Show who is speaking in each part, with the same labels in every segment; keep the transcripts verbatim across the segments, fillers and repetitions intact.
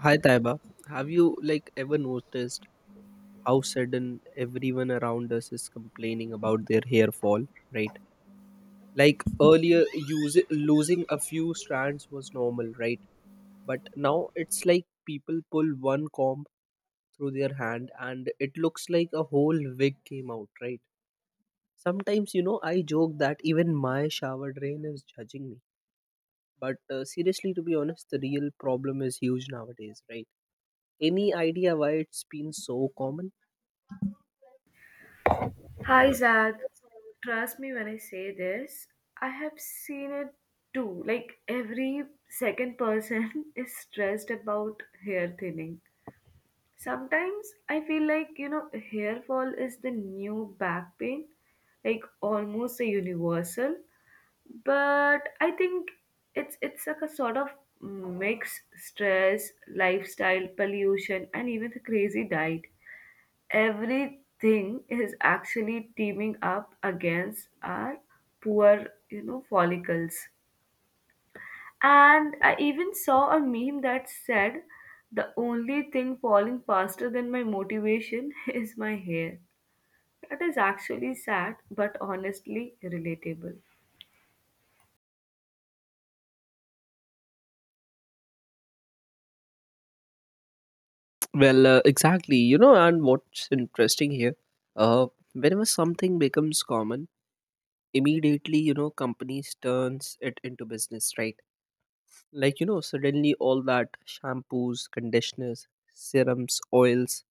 Speaker 1: Hi Taiba, have you like ever noticed how sudden everyone around us is complaining about their hair fall, right? Like earlier use losing a few strands was normal, right? But now it's like people pull one comb through their hand and it looks like a whole wig came out, right? Sometimes you know I joke that even my shower drain is judging me. But uh, seriously, to be honest, the real problem is huge nowadays, right? Any idea why it's been so common?
Speaker 2: Hi Zach, trust me when I say this. I have seen it too. Like every second person is stressed about hair thinning. Sometimes I feel like, you know, hair fall is the new back pain, like almost a universal. But I think it's it's like a sort of mix stress, lifestyle, pollution, and even the crazy diet everything is actually teaming up against our poor you know follicles. And I even saw a meme that said the only thing falling faster than my motivation is my hair. That is actually sad but honestly relatable.
Speaker 1: Well, uh, exactly. You know, and what's interesting here, uh, whenever something becomes common, immediately, you know, companies turns it into business, right? Like, you know, suddenly all that shampoos, conditioners, serums, oils,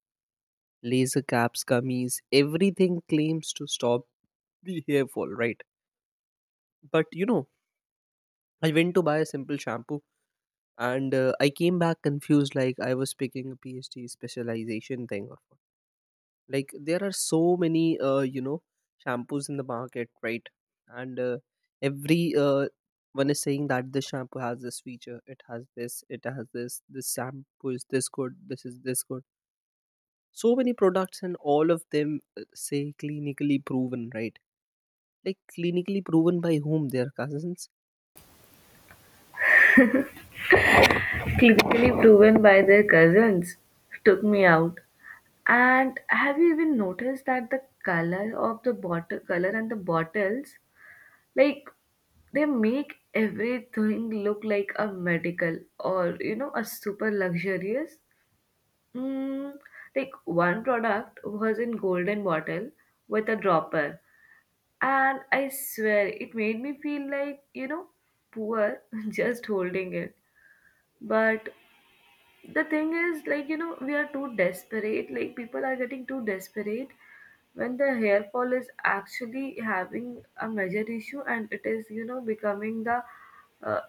Speaker 1: laser caps, gummies, everything claims to stop the hair fall, right? But, you know, I went to buy a simple shampoo, and uh, I came back confused, like I was picking a PhD specialization thing. Like there are so many uh, you know shampoos in the market, right? And uh, every uh, one is saying that this shampoo has this feature, it has this, it has this this shampoo is this good, this is this good. So many products, and all of them uh, say clinically proven, right? Like, clinically proven by whom? Their cousins?
Speaker 2: Clinically proven by their cousins took me out. And have you even noticed that the color of the bottle color and the bottles, like, they make everything look like a medical or you know a super luxurious, mm, like one product was in golden bottle with a dropper, and I swear it made me feel like, you know poor just holding it. But the thing is, like, you know we are too desperate. Like people are getting too desperate when the hair fall is actually having a major issue, and it is, you know becoming the uh,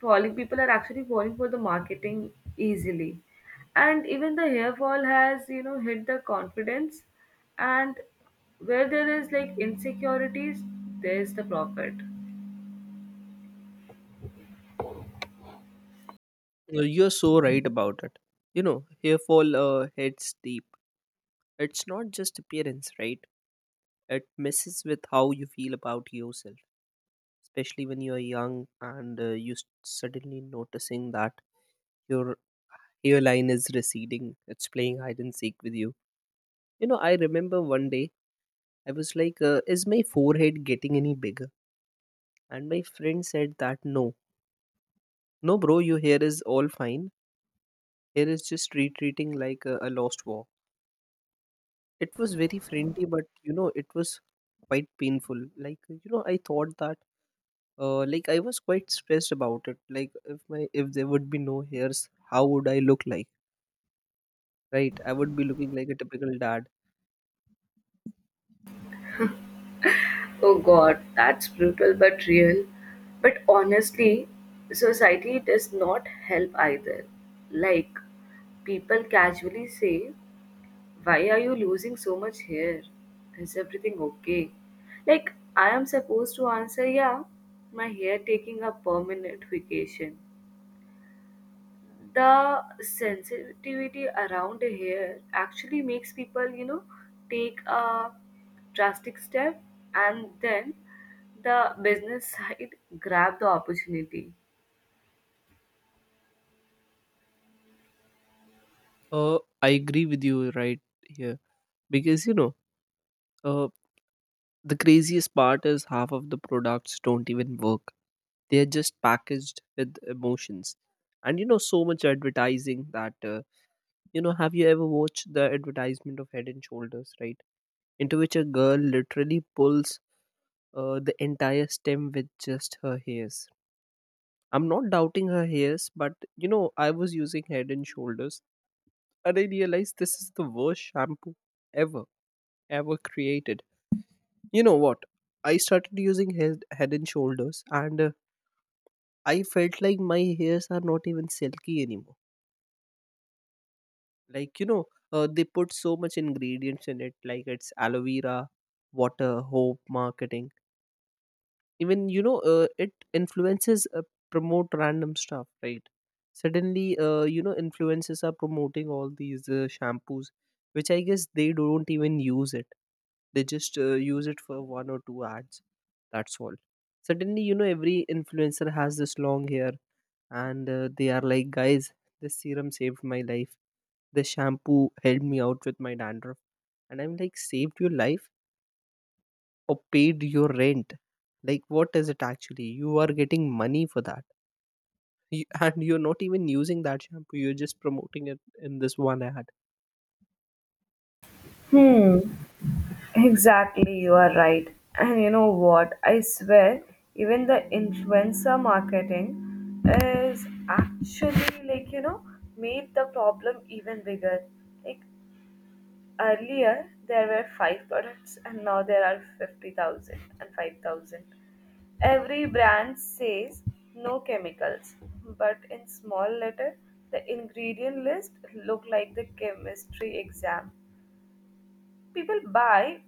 Speaker 2: falling, people are actually falling for the marketing easily. And even the hair fall has, you know hit the confidence, and where there is like insecurities, there is the profit.
Speaker 1: Uh, you're so right about it. You know, hair fall uh, heads deep. It's not just appearance, right? It messes with how you feel about yourself, especially when you are young and uh, you s- suddenly noticing that your hairline is receding, it's playing hide and seek with you. You know, I remember one day I was like, uh, is my forehead getting any bigger? And my friend said that, no, no bro, your hair is all fine. Hair is just retreating like a, a lost war. It was very friendly, but you know, it was quite painful. Like, you know, I thought that uh, like I was quite stressed about it. Like, if my if there would be no hairs, how would I look like? Right, I would be looking like a typical dad.
Speaker 2: Oh God, that's brutal but real. But honestly, society does not help either. Like, people casually say, "Why are you losing so much hair? Is everything okay?" Like, I am supposed to answer, "Yeah, my hair taking a permanent vacation." The sensitivity around here actually makes people, you know take a drastic step, and then the business side grab the opportunity.
Speaker 1: Uh, I agree with you right here, because you know, uh, the craziest part is half of the products don't even work. They are just packaged with emotions, and you know, so much advertising that uh, you know. Have you ever watched the advertisement of Head and Shoulders, right? Into which a girl literally pulls uh, the entire stem with just her hairs. I'm not doubting her hairs, but you know, I was using Head and Shoulders. And I realized this is the worst shampoo ever, ever created. You know what? I started using head, head and shoulders, and uh, I felt like my hairs are not even silky anymore. Like, you know, uh, they put so much ingredients in it, like it's aloe vera, water, hope, marketing. Even, you know, uh, it influences uh, promote random stuff, right? Suddenly, uh, you know, influencers are promoting all these uh, shampoos, which I guess they don't even use it. They just uh, use it for one or two ads, that's all. Suddenly, you know, every influencer has this long hair, and uh, they are like, guys, this serum saved my life, this shampoo helped me out with my dandruff. And I'm like, saved your life or paid your rent? Like, what is it? Actually, you are getting money for that. You, and you're not even using that shampoo, you're just promoting it in this one ad.
Speaker 2: Hmm, exactly, you are right. And you know where even uh, like, you know make problem even bigger. Like earlier there were five products and now there are fifty thousand and five thousand. Every brand says "no chemicals", but in small letter the ingredient list look like the chemistry exam. People buy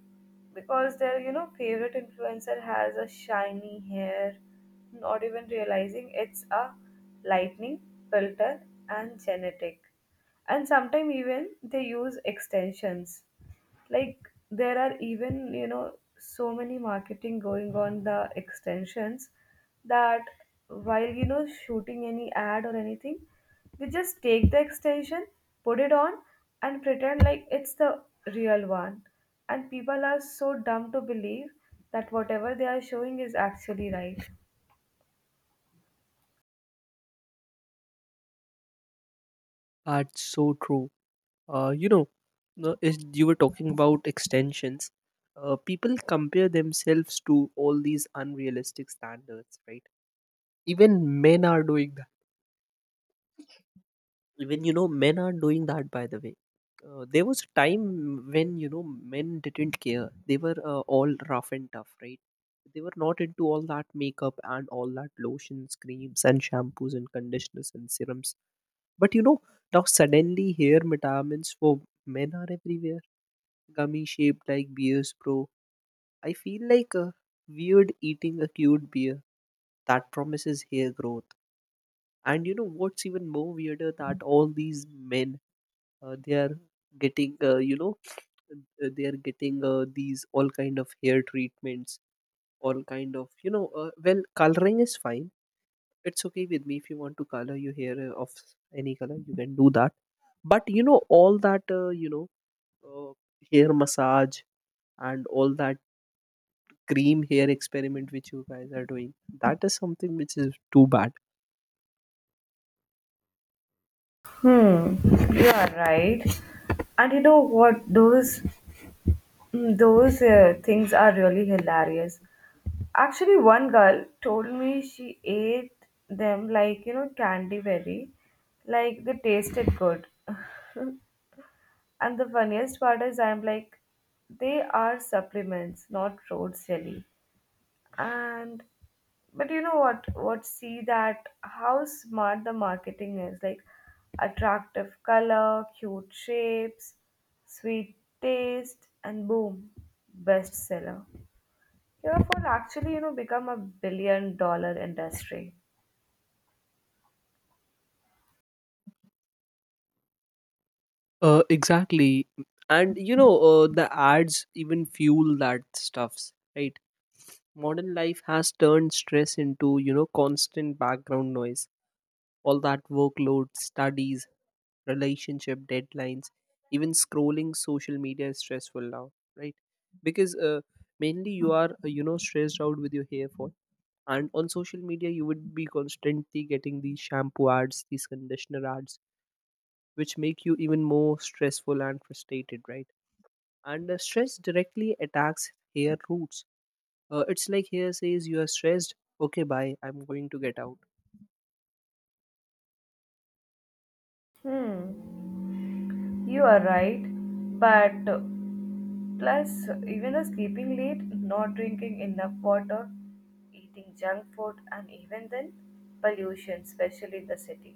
Speaker 2: because their, you know favorite influencer has a shiny hair, not even realizing it's a lightning filter and genetic. And sometimes even they use extensions. Like there are even, you know so many marketing going on the extensions that while, you know shooting any ad or anything, they just take the extension, put it on, and pretend like it's the real one, and people are so dumb to believe that whatever they are showing is actually right.
Speaker 1: That's so true. Uh, you know, no, is you were talking about extensions. Uh, people compare themselves to all these unrealistic standards, right? Even men are doing that. Even, you know, men are doing that. By the way, uh, there was a time when you know men didn't care. They were uh, all rough and tough, right? They were not into all that makeup and all that lotions, creams, and shampoos and conditioners and serums. But you know, now suddenly hair metamins for men are everywhere. Gummy shaped like beers, bro. I feel like a weird eating a cute beer that promises hair growth. And you know what's even more weirder, that all these men uh, they are getting uh, you know uh, they are getting uh, these all kind of hair treatments, all kind of you know uh, well, coloring is fine. It's okay with me if you want to color your hair uh, of any color, you can do that. But you know all that uh, you know uh, hair massage and all that cream hair experiment which you guys are doing, that is something which is too bad.
Speaker 2: Hmm, you are right. And you know what, those mm, those uh, things are really hilarious. Actually, one girl told me she ate them like, you know, candy berry. Like they tasted good. And the funniest part is, I'm like, they are supplements, not road jelly. And but you know what, what see that how smart the marketing is. Like attractive color, cute shapes, sweet taste, and boom, bestseller. Your food actually, you know, become a billion dollar industry.
Speaker 1: Uh, exactly. And you know uh, the ads even fuel that stuffs, right? Modern life has turned stress into you know constant background noise. All that workload, studies, relationship, deadlines, even scrolling social media is stressful now, right? Because uh, mainly you are uh, you know stressed out with your hair fall, and on social media you would be constantly getting these shampoo ads, these conditioner ads, which make you even more stressful and frustrated, right? And uh, stress directly attacks hair roots. Uh, it's like hair says, you are stressed, okay, bye, I'm going to get out.
Speaker 2: Hmm, you are right. But uh, plus, even the sleeping late, not drinking enough water, eating junk food, and even then, pollution, especially in the city.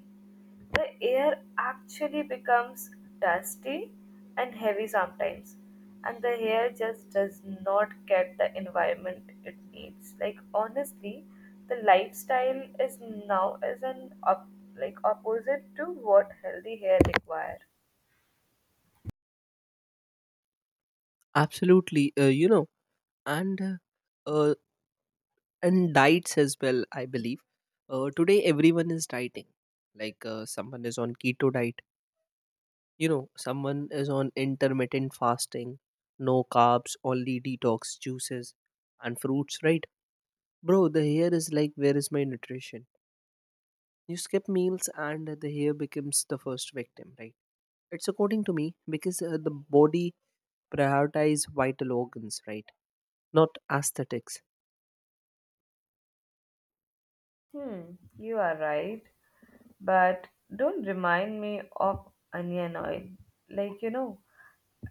Speaker 2: The air actually becomes dusty and heavy sometimes, and the air just does not get the environment it needs. Like honestly, the lifestyle is now is an up, like opposite to what healthy hair requires.
Speaker 1: Absolutely. Uh, you know, and uh, uh, and diets as well, I believe. Uh, today everyone is dieting, like uh, someone is on keto diet. You know, someone is on intermittent fasting, no carbs, only detox juices and fruits, right? Bro, the hair is like, where is my nutrition? You skip meals and the hair becomes the first victim, right? It's according to me, because uh, the body prioritize vital organs, right? Not aesthetics.
Speaker 2: Hmm, you are right, but don't remind me of onion oil. Like, you know,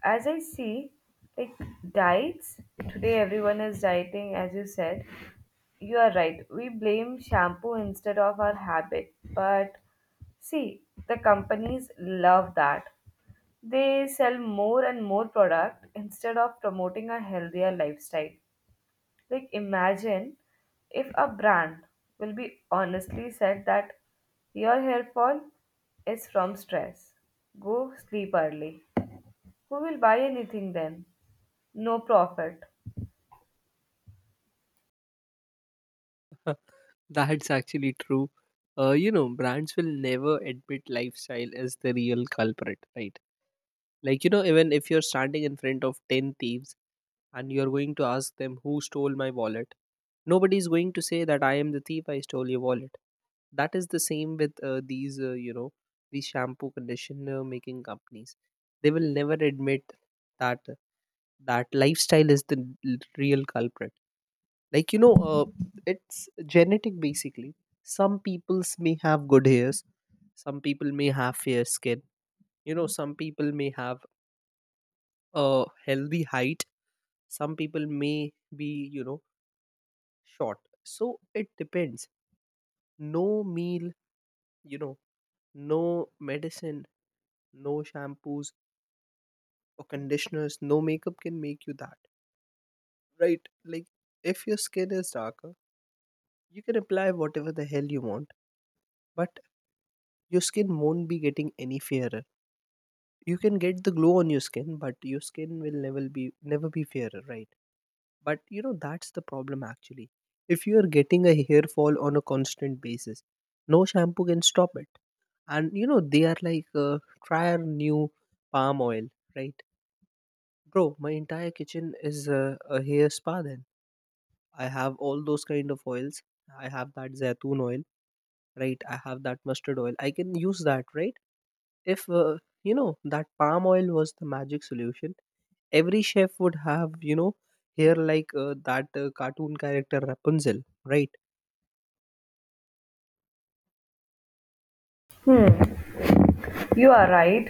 Speaker 2: as I see, like diets, today everyone is dieting, as you said. You are right, we blame shampoo instead of our habit. But see, the companies love that. They sell more and more product instead of promoting a healthier lifestyle. Like, imagine if a brand will be honestly said that your hair fall is from stress. Go sleep early. Who will buy anything then? No profit.
Speaker 1: That's actually true. Uh, you know, brands will never admit lifestyle as the real culprit, right? Like, you know, even if you're standing in front of ten thieves, and you're going to ask them who stole my wallet. Nobody is going to say that, I am the thief, I stole your wallet. That is the same with uh, these, uh, you know, these shampoo conditioner making companies. They will never admit that that lifestyle is the l- real culprit. Like you know, uh, it's genetic basically. Some peoples may have good hairs, some people may have fair skin. You know, some people may have a healthy height. Some people may be, you know, short. So it depends. No meal, you know, no medicine, no shampoos or conditioners, no makeup can make you that, right? Like, if your skin is darker, you can apply whatever the hell you want, but your skin won't be getting any fairer. You can get the glow on your skin, but your skin will never be never be fairer, right? But you know that's the problem, actually. If you are getting a hair fall on a constant basis, no shampoo can stop it. And you know they are like, uh, try our new palm oil, right? Bro, my entire kitchen is uh, a hair spa then. I have all those kind of oils, I have that zaitun oil, right? I have that mustard oil, I can use that, right? If uh, you know that palm oil was the magic solution, every chef would have, you know, hair like uh, that uh, cartoon character Rapunzel, right?
Speaker 2: You are right.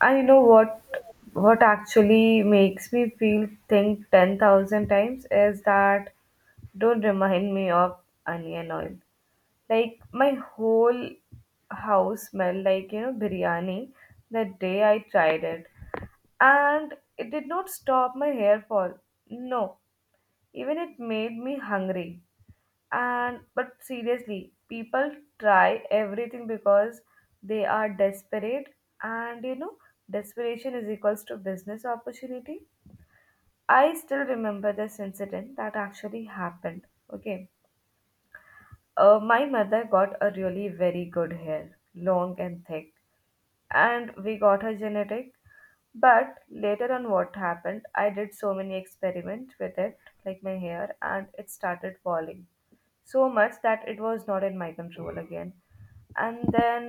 Speaker 2: And you know what, what actually makes me feel think ten thousand times is that don't remind me of onion oil. Like my whole house smelled like, you know, biryani the day I tried it. And it did not stop my hair fall. No, even it made me hungry. And but seriously, people try everything because they are desperate, and, you know, desperation is equals to business opportunity. I still remember this incident that actually happened. Okay. Uh, my mother got a really very good hair, long and thick, and we got her genetic. But later on, what happened? I did so many experiments with it, like my hair, and it started falling so much that it was not in my control again. And then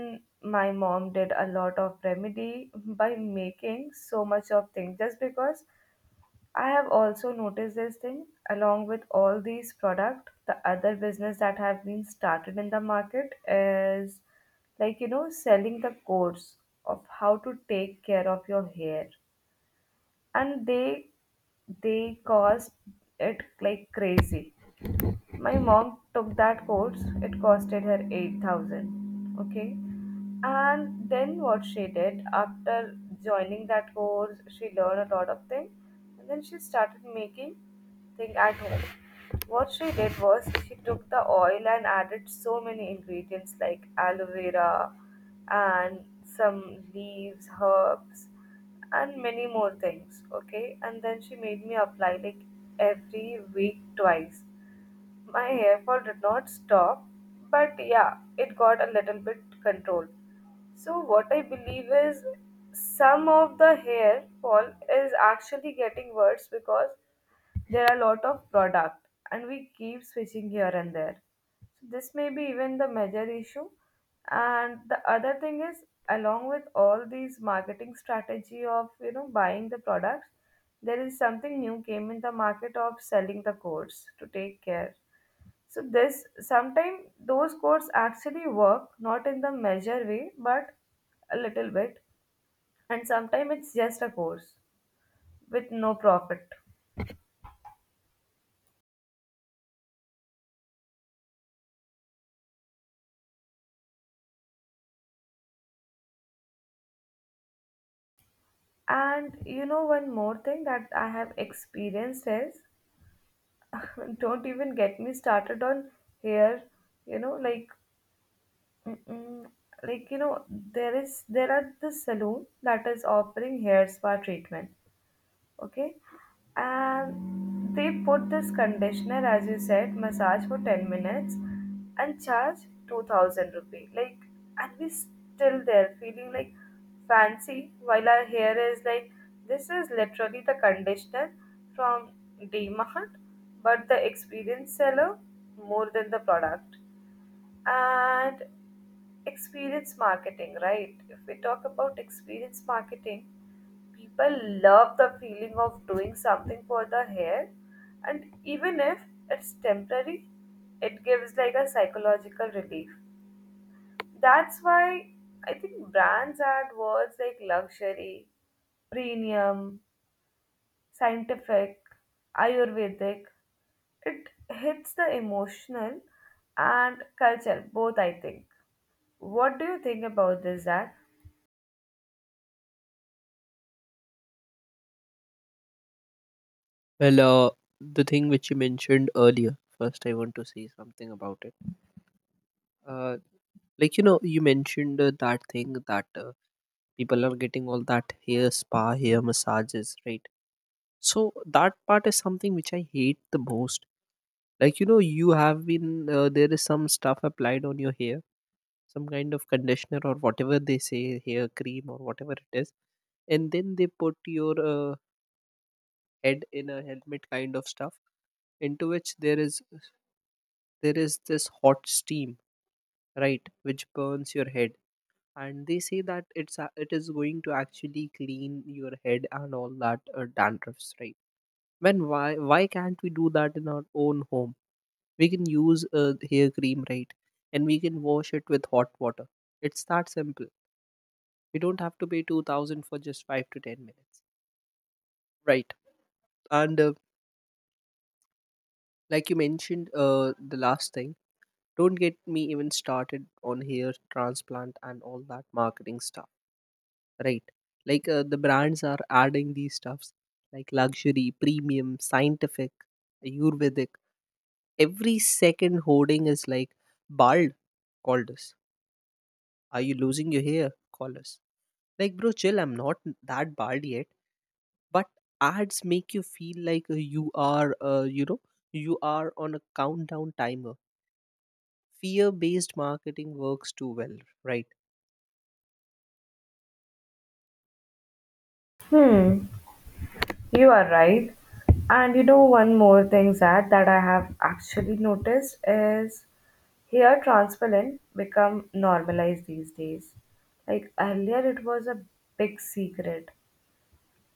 Speaker 2: my mom did a lot of remedy by making so much of things, just because I have also noticed this thing. Along with all these product, the other business that have been started in the market is like, you know selling the course of how to take care of your hair, and they they cost it like crazy. My mom took that course, it costed her eight thousand, okay? And then what she did after joining that course, she learned a lot of things. And then she started making thing at home. What she did was, she took the oil and added so many ingredients like aloe vera and some leaves herbs and many more things, okay? And then she made me apply like every week twice. My hair fall did not stop, but yeah, it got a little bit controlled. So, what I believe is some of the hair fall is actually getting worse because there are a lot of product and we keep switching here and there. So, this may be even the major issue. And the other thing is, along with all these marketing strategy of, you know buying the products, there is something new came in the market of selling the course to take care. So this sometimes those codes actually work, not in the measure way but a little bit, and sometimes it's just a course with no profit. And you know one more thing that I have experienced is don't even get me started on hair, you know like mm-mm, like you know there is there are the salon that is offering hair spa treatment, okay? And they put this conditioner, as you said, massage for ten minutes and charge two thousand rupee, like, and we still there feeling like fancy, while our hair is like, this is literally the conditioner from dmart. But the experienced seller more than the product, and experience marketing, right? If we talk about experience marketing, people love the feeling of doing something for the hair, and even if it's temporary, it gives like a psychological relief. That's why I think brands add words like luxury, premium, scientific, Ayurvedic. It hits the emotional and culture, both, I think. What do you think about this, Zach?
Speaker 1: Well, uh, the thing which you mentioned earlier, first I want to say something about it. uh, like, you know, you mentioned uh, that thing that uh, people are getting all that hair spa, hair massages, right? So that part is something which I hate the most. Like, you know, you have been uh, there is some stuff applied on your hair, some kind of conditioner or whatever they say, hair cream or whatever it is, and then they put your uh, head in a helmet kind of stuff, into which there is there is this hot steam, right, which burns your head. And they say that it's a- it is going to actually clean your head and all that uh, dandruffs, right? When, why why can't we do that in our own home? We can use a hair cream, right? And we can wash it with hot water. It's that simple. We don't have to pay two thousand for just five to ten minutes, right? And uh, like you mentioned uh, the last thing, don't get me even started on hair transplant and all that marketing stuff. Right. Like, uh, the brands are adding these stuffs like luxury, premium, scientific, Ayurvedic. Every second hoarding is like, bald. Call this. Are you losing your hair? Call us. Like, bro, chill. I'm not that bald yet. But ads make you feel like uh, you are, uh, you know, you are on a countdown timer. Fear-based marketing works too well, right?
Speaker 2: Hmm. You're right. And you know, one more thing, Zad, that I have actually noticed is hair transplant become normalized these days. Like earlier, it was a big secret.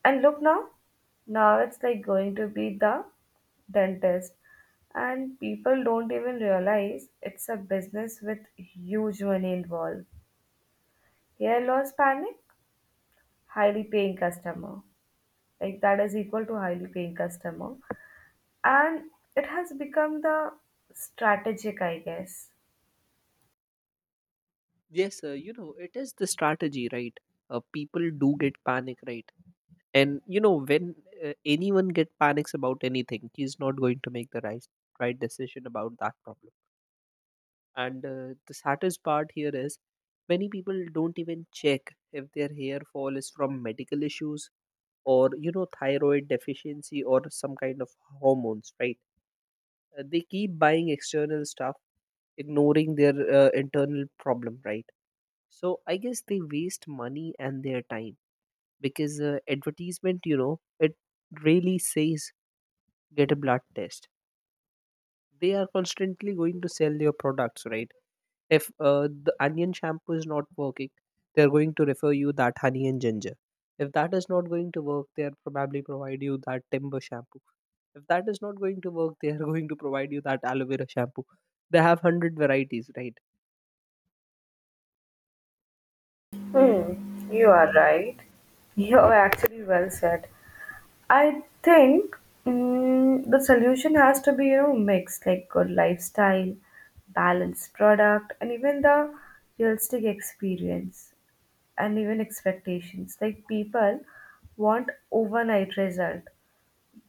Speaker 2: And look now, now it's like going to be the dentist. And people don't even realize it's a business with huge money involved. Hair loss panic, highly paying customer. Like that is equal to highly paying customer. And it has become the strategic, I guess.
Speaker 1: Yes, uh, you know, it is the strategy, right? Uh, people do get panic, right? and you know when uh, Anyone get panics about anything, he's not going to make the right right decision about that problem. And uh, The saddest part here is many people don't even check if their hair fall is from medical issues, or you know thyroid deficiency, or some kind of hormones, right? Uh, they keep buying external stuff, ignoring their uh, internal problem, right? So I guess they waste money and their time, because uh, advertisement, you know it really says get a blood test. They are constantly going to sell your products, right? If uh, the onion shampoo is not working, they are going to refer you that honey and ginger. If that is not going to work, they are probably provide you that timber shampoo. If that is not going to work, they are going to provide you that aloe vera shampoo. They have one hundred varieties, right?
Speaker 2: You are right. You are actually well said. I think, mm, the solution has to be, you know, mixed, like good lifestyle, balanced product, and even the realistic experience and even expectations. Like people want overnight result,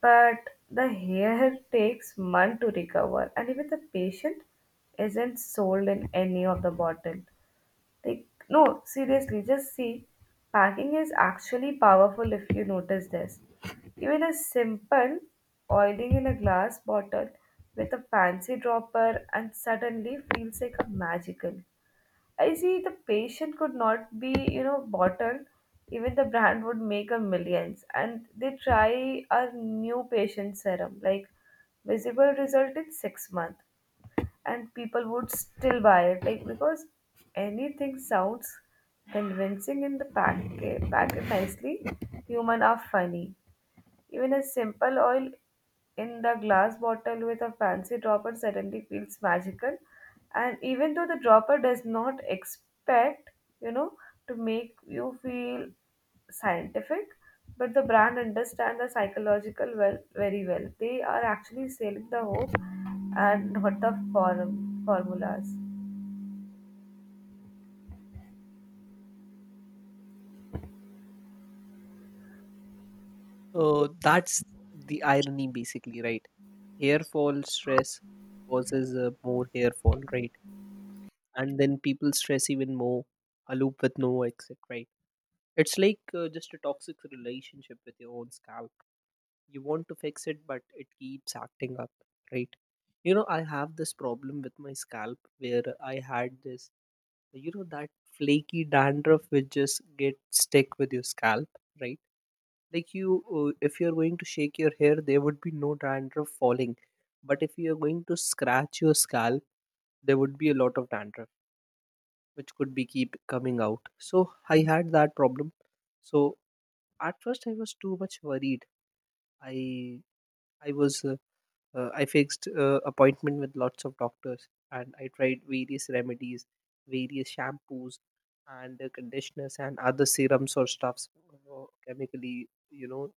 Speaker 2: but the hair takes month to recover, and even the patient isn't sold in any of the bottle. Like, no, seriously, just see. Packing is actually powerful if you notice this. Even a simple oiling in a glass bottle with a fancy dropper and suddenly feels like a magical. I see the patient could not be, you know, bottled. Even the brand would make a millions. And they try a new patient serum, like visible result in six months, and people would still buy it like, because anything sounds convincing in the pack- eh, packet nicely. Human are funny. Even a simple oil in the glass bottle with a fancy dropper suddenly feels magical. And even though the dropper does not expect, you know, to make you feel scientific, but the brand understand the psychological well very well. They are actually selling the hope and not the form formulas.
Speaker 1: uh, That's the irony, basically, right? Hair fall stress causes uh, more hair fall, right? And then people stress even more. A loop with no exit, right? It's like uh, just a toxic relationship with your own scalp. You want to fix it, but it keeps acting up, right? You know, I have this problem with my scalp where I had this, you know, that flaky dandruff which just get stick with your scalp, right? Like you, uh, if you're going to shake your hair, there would be no dandruff falling, but if you're going to scratch your scalp, there would be a lot of dandruff which could be keep coming out. So I had that problem. So at first, I was too much worried. I I was uh, uh, I fixed uh, appointment with lots of doctors, and I tried various remedies, various shampoos, and uh, conditioners, and other serums or stuffs, uh, chemically, you know,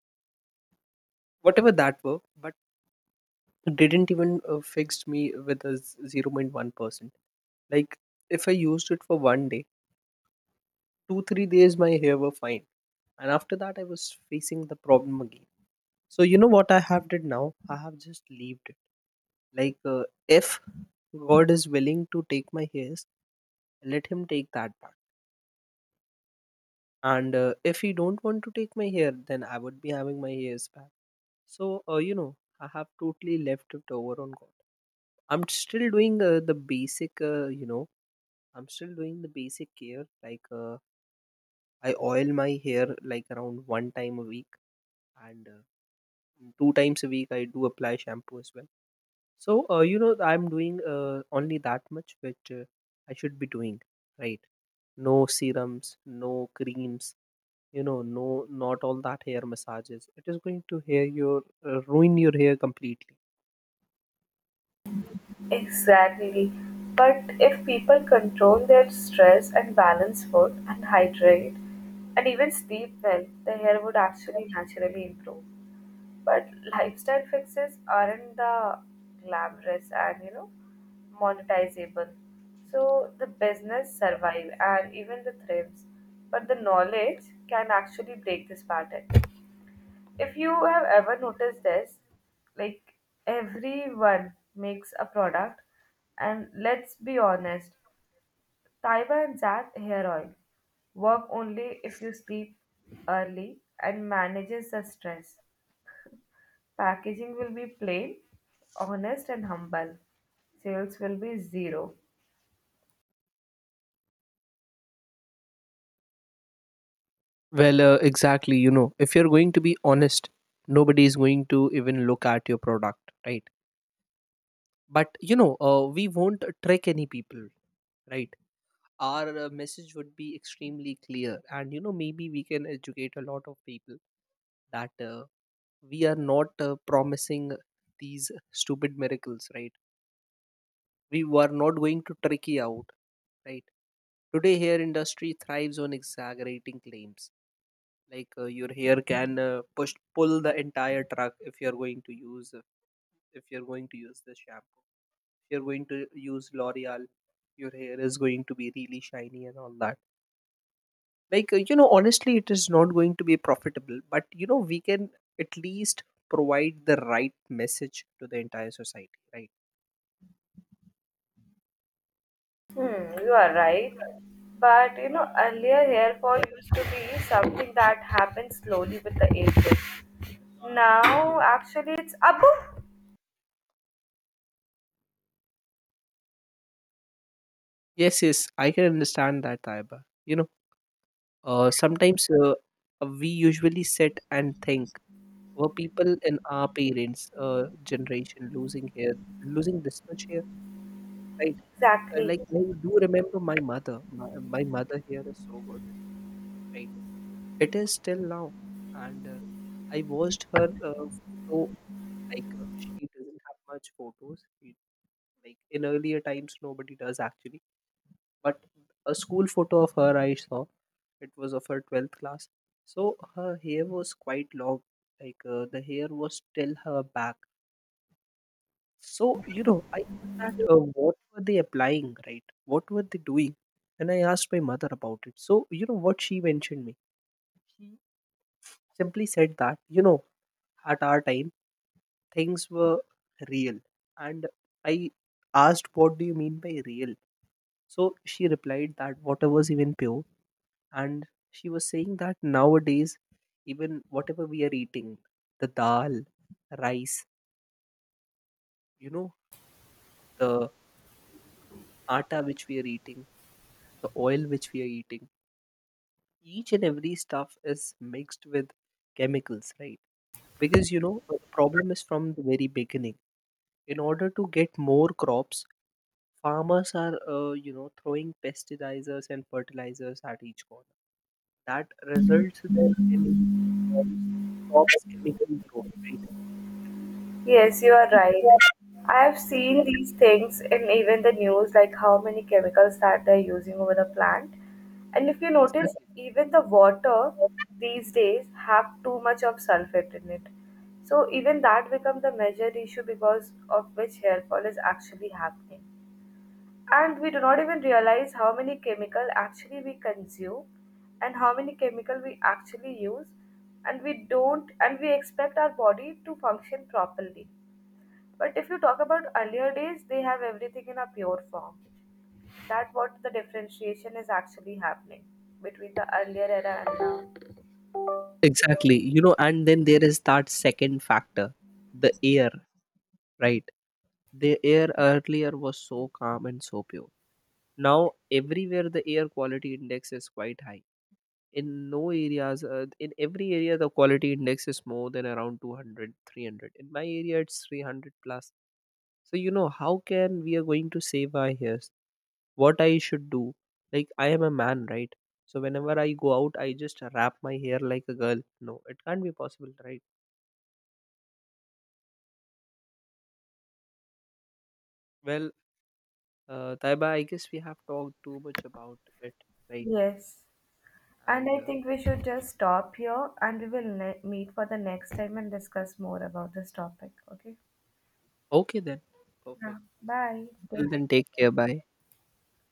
Speaker 1: whatever that were. But it didn't even uh, fixed me with a z- zero point one percent. Like if I used it for one day, two three days, my hair were fine, and after that, I was facing the problem again. So you know what I have did now? I have just leaved it. Like, uh, if God is willing to take my hairs, let Him take that part. And uh, If He don't want to take my hair, then I would be having my hairs back. So, uh, you know, I have totally left it over on God. I'm still doing uh, the basic, uh, you know, I'm still doing the basic care. Like, uh, I oil my hair like around one time a week, and uh, two times a week I do apply shampoo as well. So, uh, you know, I'm doing uh, only that much which uh, I should be doing, right? No serums, no creams, you know, no, not all that hair massages. It is going to hair your uh, ruin your hair completely.
Speaker 2: Exactly. But if people control their stress and balance food and hydrate and even sleep well, the hair would actually naturally improve. But lifestyle fixes aren't the glamorous and, you know monetizable. So the business survive and even the thrives. But the knowledge can actually break this pattern. If you have ever noticed this, like everyone makes a product, and let's be honest, Taiba and Zat hair oil work only if you sleep early and manages the stress. Packaging will be plain, honest, and humble. Sales will be zero.
Speaker 1: Well, uh, exactly. You know, if you're going to be honest, nobody is going to even look at your product, right? But you know, uh, we won't trick any people, right? Our uh, message would be extremely clear, and you know, maybe we can educate a lot of people that uh, we are not uh, promising these stupid miracles, right? We were not going to trick you out, right? Today hair industry thrives on exaggerating claims. Like uh, your hair can uh, push pull the entire truck if you're going to use uh, if you're going to use this shampoo. If you're going to use L'Oreal, your hair is going to be really shiny and all that. Like uh, you know, honestly, it is not going to be profitable, but you know, we can at least provide the right message to the entire society, right?
Speaker 2: Hmm, you are right. But you know, earlier hair fall used to be something that happened slowly with the ages.
Speaker 1: Mhm.
Speaker 2: Now, actually, it's a
Speaker 1: Yes, yes, I can understand that, Taiba. You know, uh, sometimes uh, uh, we usually sit and think, were people in our parents' uh, generation losing hair, losing this much hair, right? Uh,
Speaker 2: Exactly.
Speaker 1: like I do remember my mother. My, my mother hair is so good, right? It is still now, and uh, I watched her uh, photo. Like uh, she doesn't have much photos. She, like in earlier times, nobody does actually. But a school photo of her I saw. It was of her twelfth class. So her hair was quite long, like uh, the hair was till her back. So, you know, I thought that uh, what were they applying, right? What were they doing? And I asked my mother about it. So, you know what she mentioned me? She simply said that, you know, at our time, things were real. And I asked, what do you mean by real? So she replied that water was even pure, and she was saying that nowadays, even whatever we are eating, the dal, rice, you know, the atta which we are eating, the oil which we are eating, each and every stuff is mixed with chemicals, right? Because you know, uh, the problem is from the very beginning. In order to get more crops, farmers are uh, you know throwing pesticides and fertilizers at each corner. That results them in more crops, crops chemically grown,
Speaker 2: Yes, you are right.
Speaker 1: right?
Speaker 2: I have seen these things in even the news, like how many chemicals that they're using over the plant. And if you notice,
Speaker 1: Exactly.
Speaker 2: even the water these days have too much of sulfate in it. So even that becomes a major issue because of which hair fall is actually happening. And we do not even realize how many chemical actually we consume and how many chemical we actually use, and we don't, and we expect our body to function properly. But if you talk about earlier days, they have everything in a pure form. That what the differentiation is actually happening between the earlier era and now.
Speaker 1: Exactly. You know, and then there is that second factor, the air, right? The air earlier was so calm and so pure. Now, everywhere the air quality index is quite high. In no areas, uh, in every area, the quality index is more than around two hundred, three hundred. In my area, it's three hundred plus. So, you know, how can we are going to save our hair? What I should do. Like I am a man, right? So whenever I go out, I just wrap my hair like a girl. No, it can't be possible, right? Well, uh, Taiba, I guess we have talked too much about it, right?
Speaker 2: Yes. And
Speaker 1: And
Speaker 2: I
Speaker 1: uh,
Speaker 2: think we should just stop here, and we will ne- meet for the next time and discuss more about this topic. Okay.
Speaker 1: Okay then,
Speaker 2: Yeah.
Speaker 1: perfect.
Speaker 2: Bye.
Speaker 1: Till
Speaker 2: Take
Speaker 1: then, take care. Bye.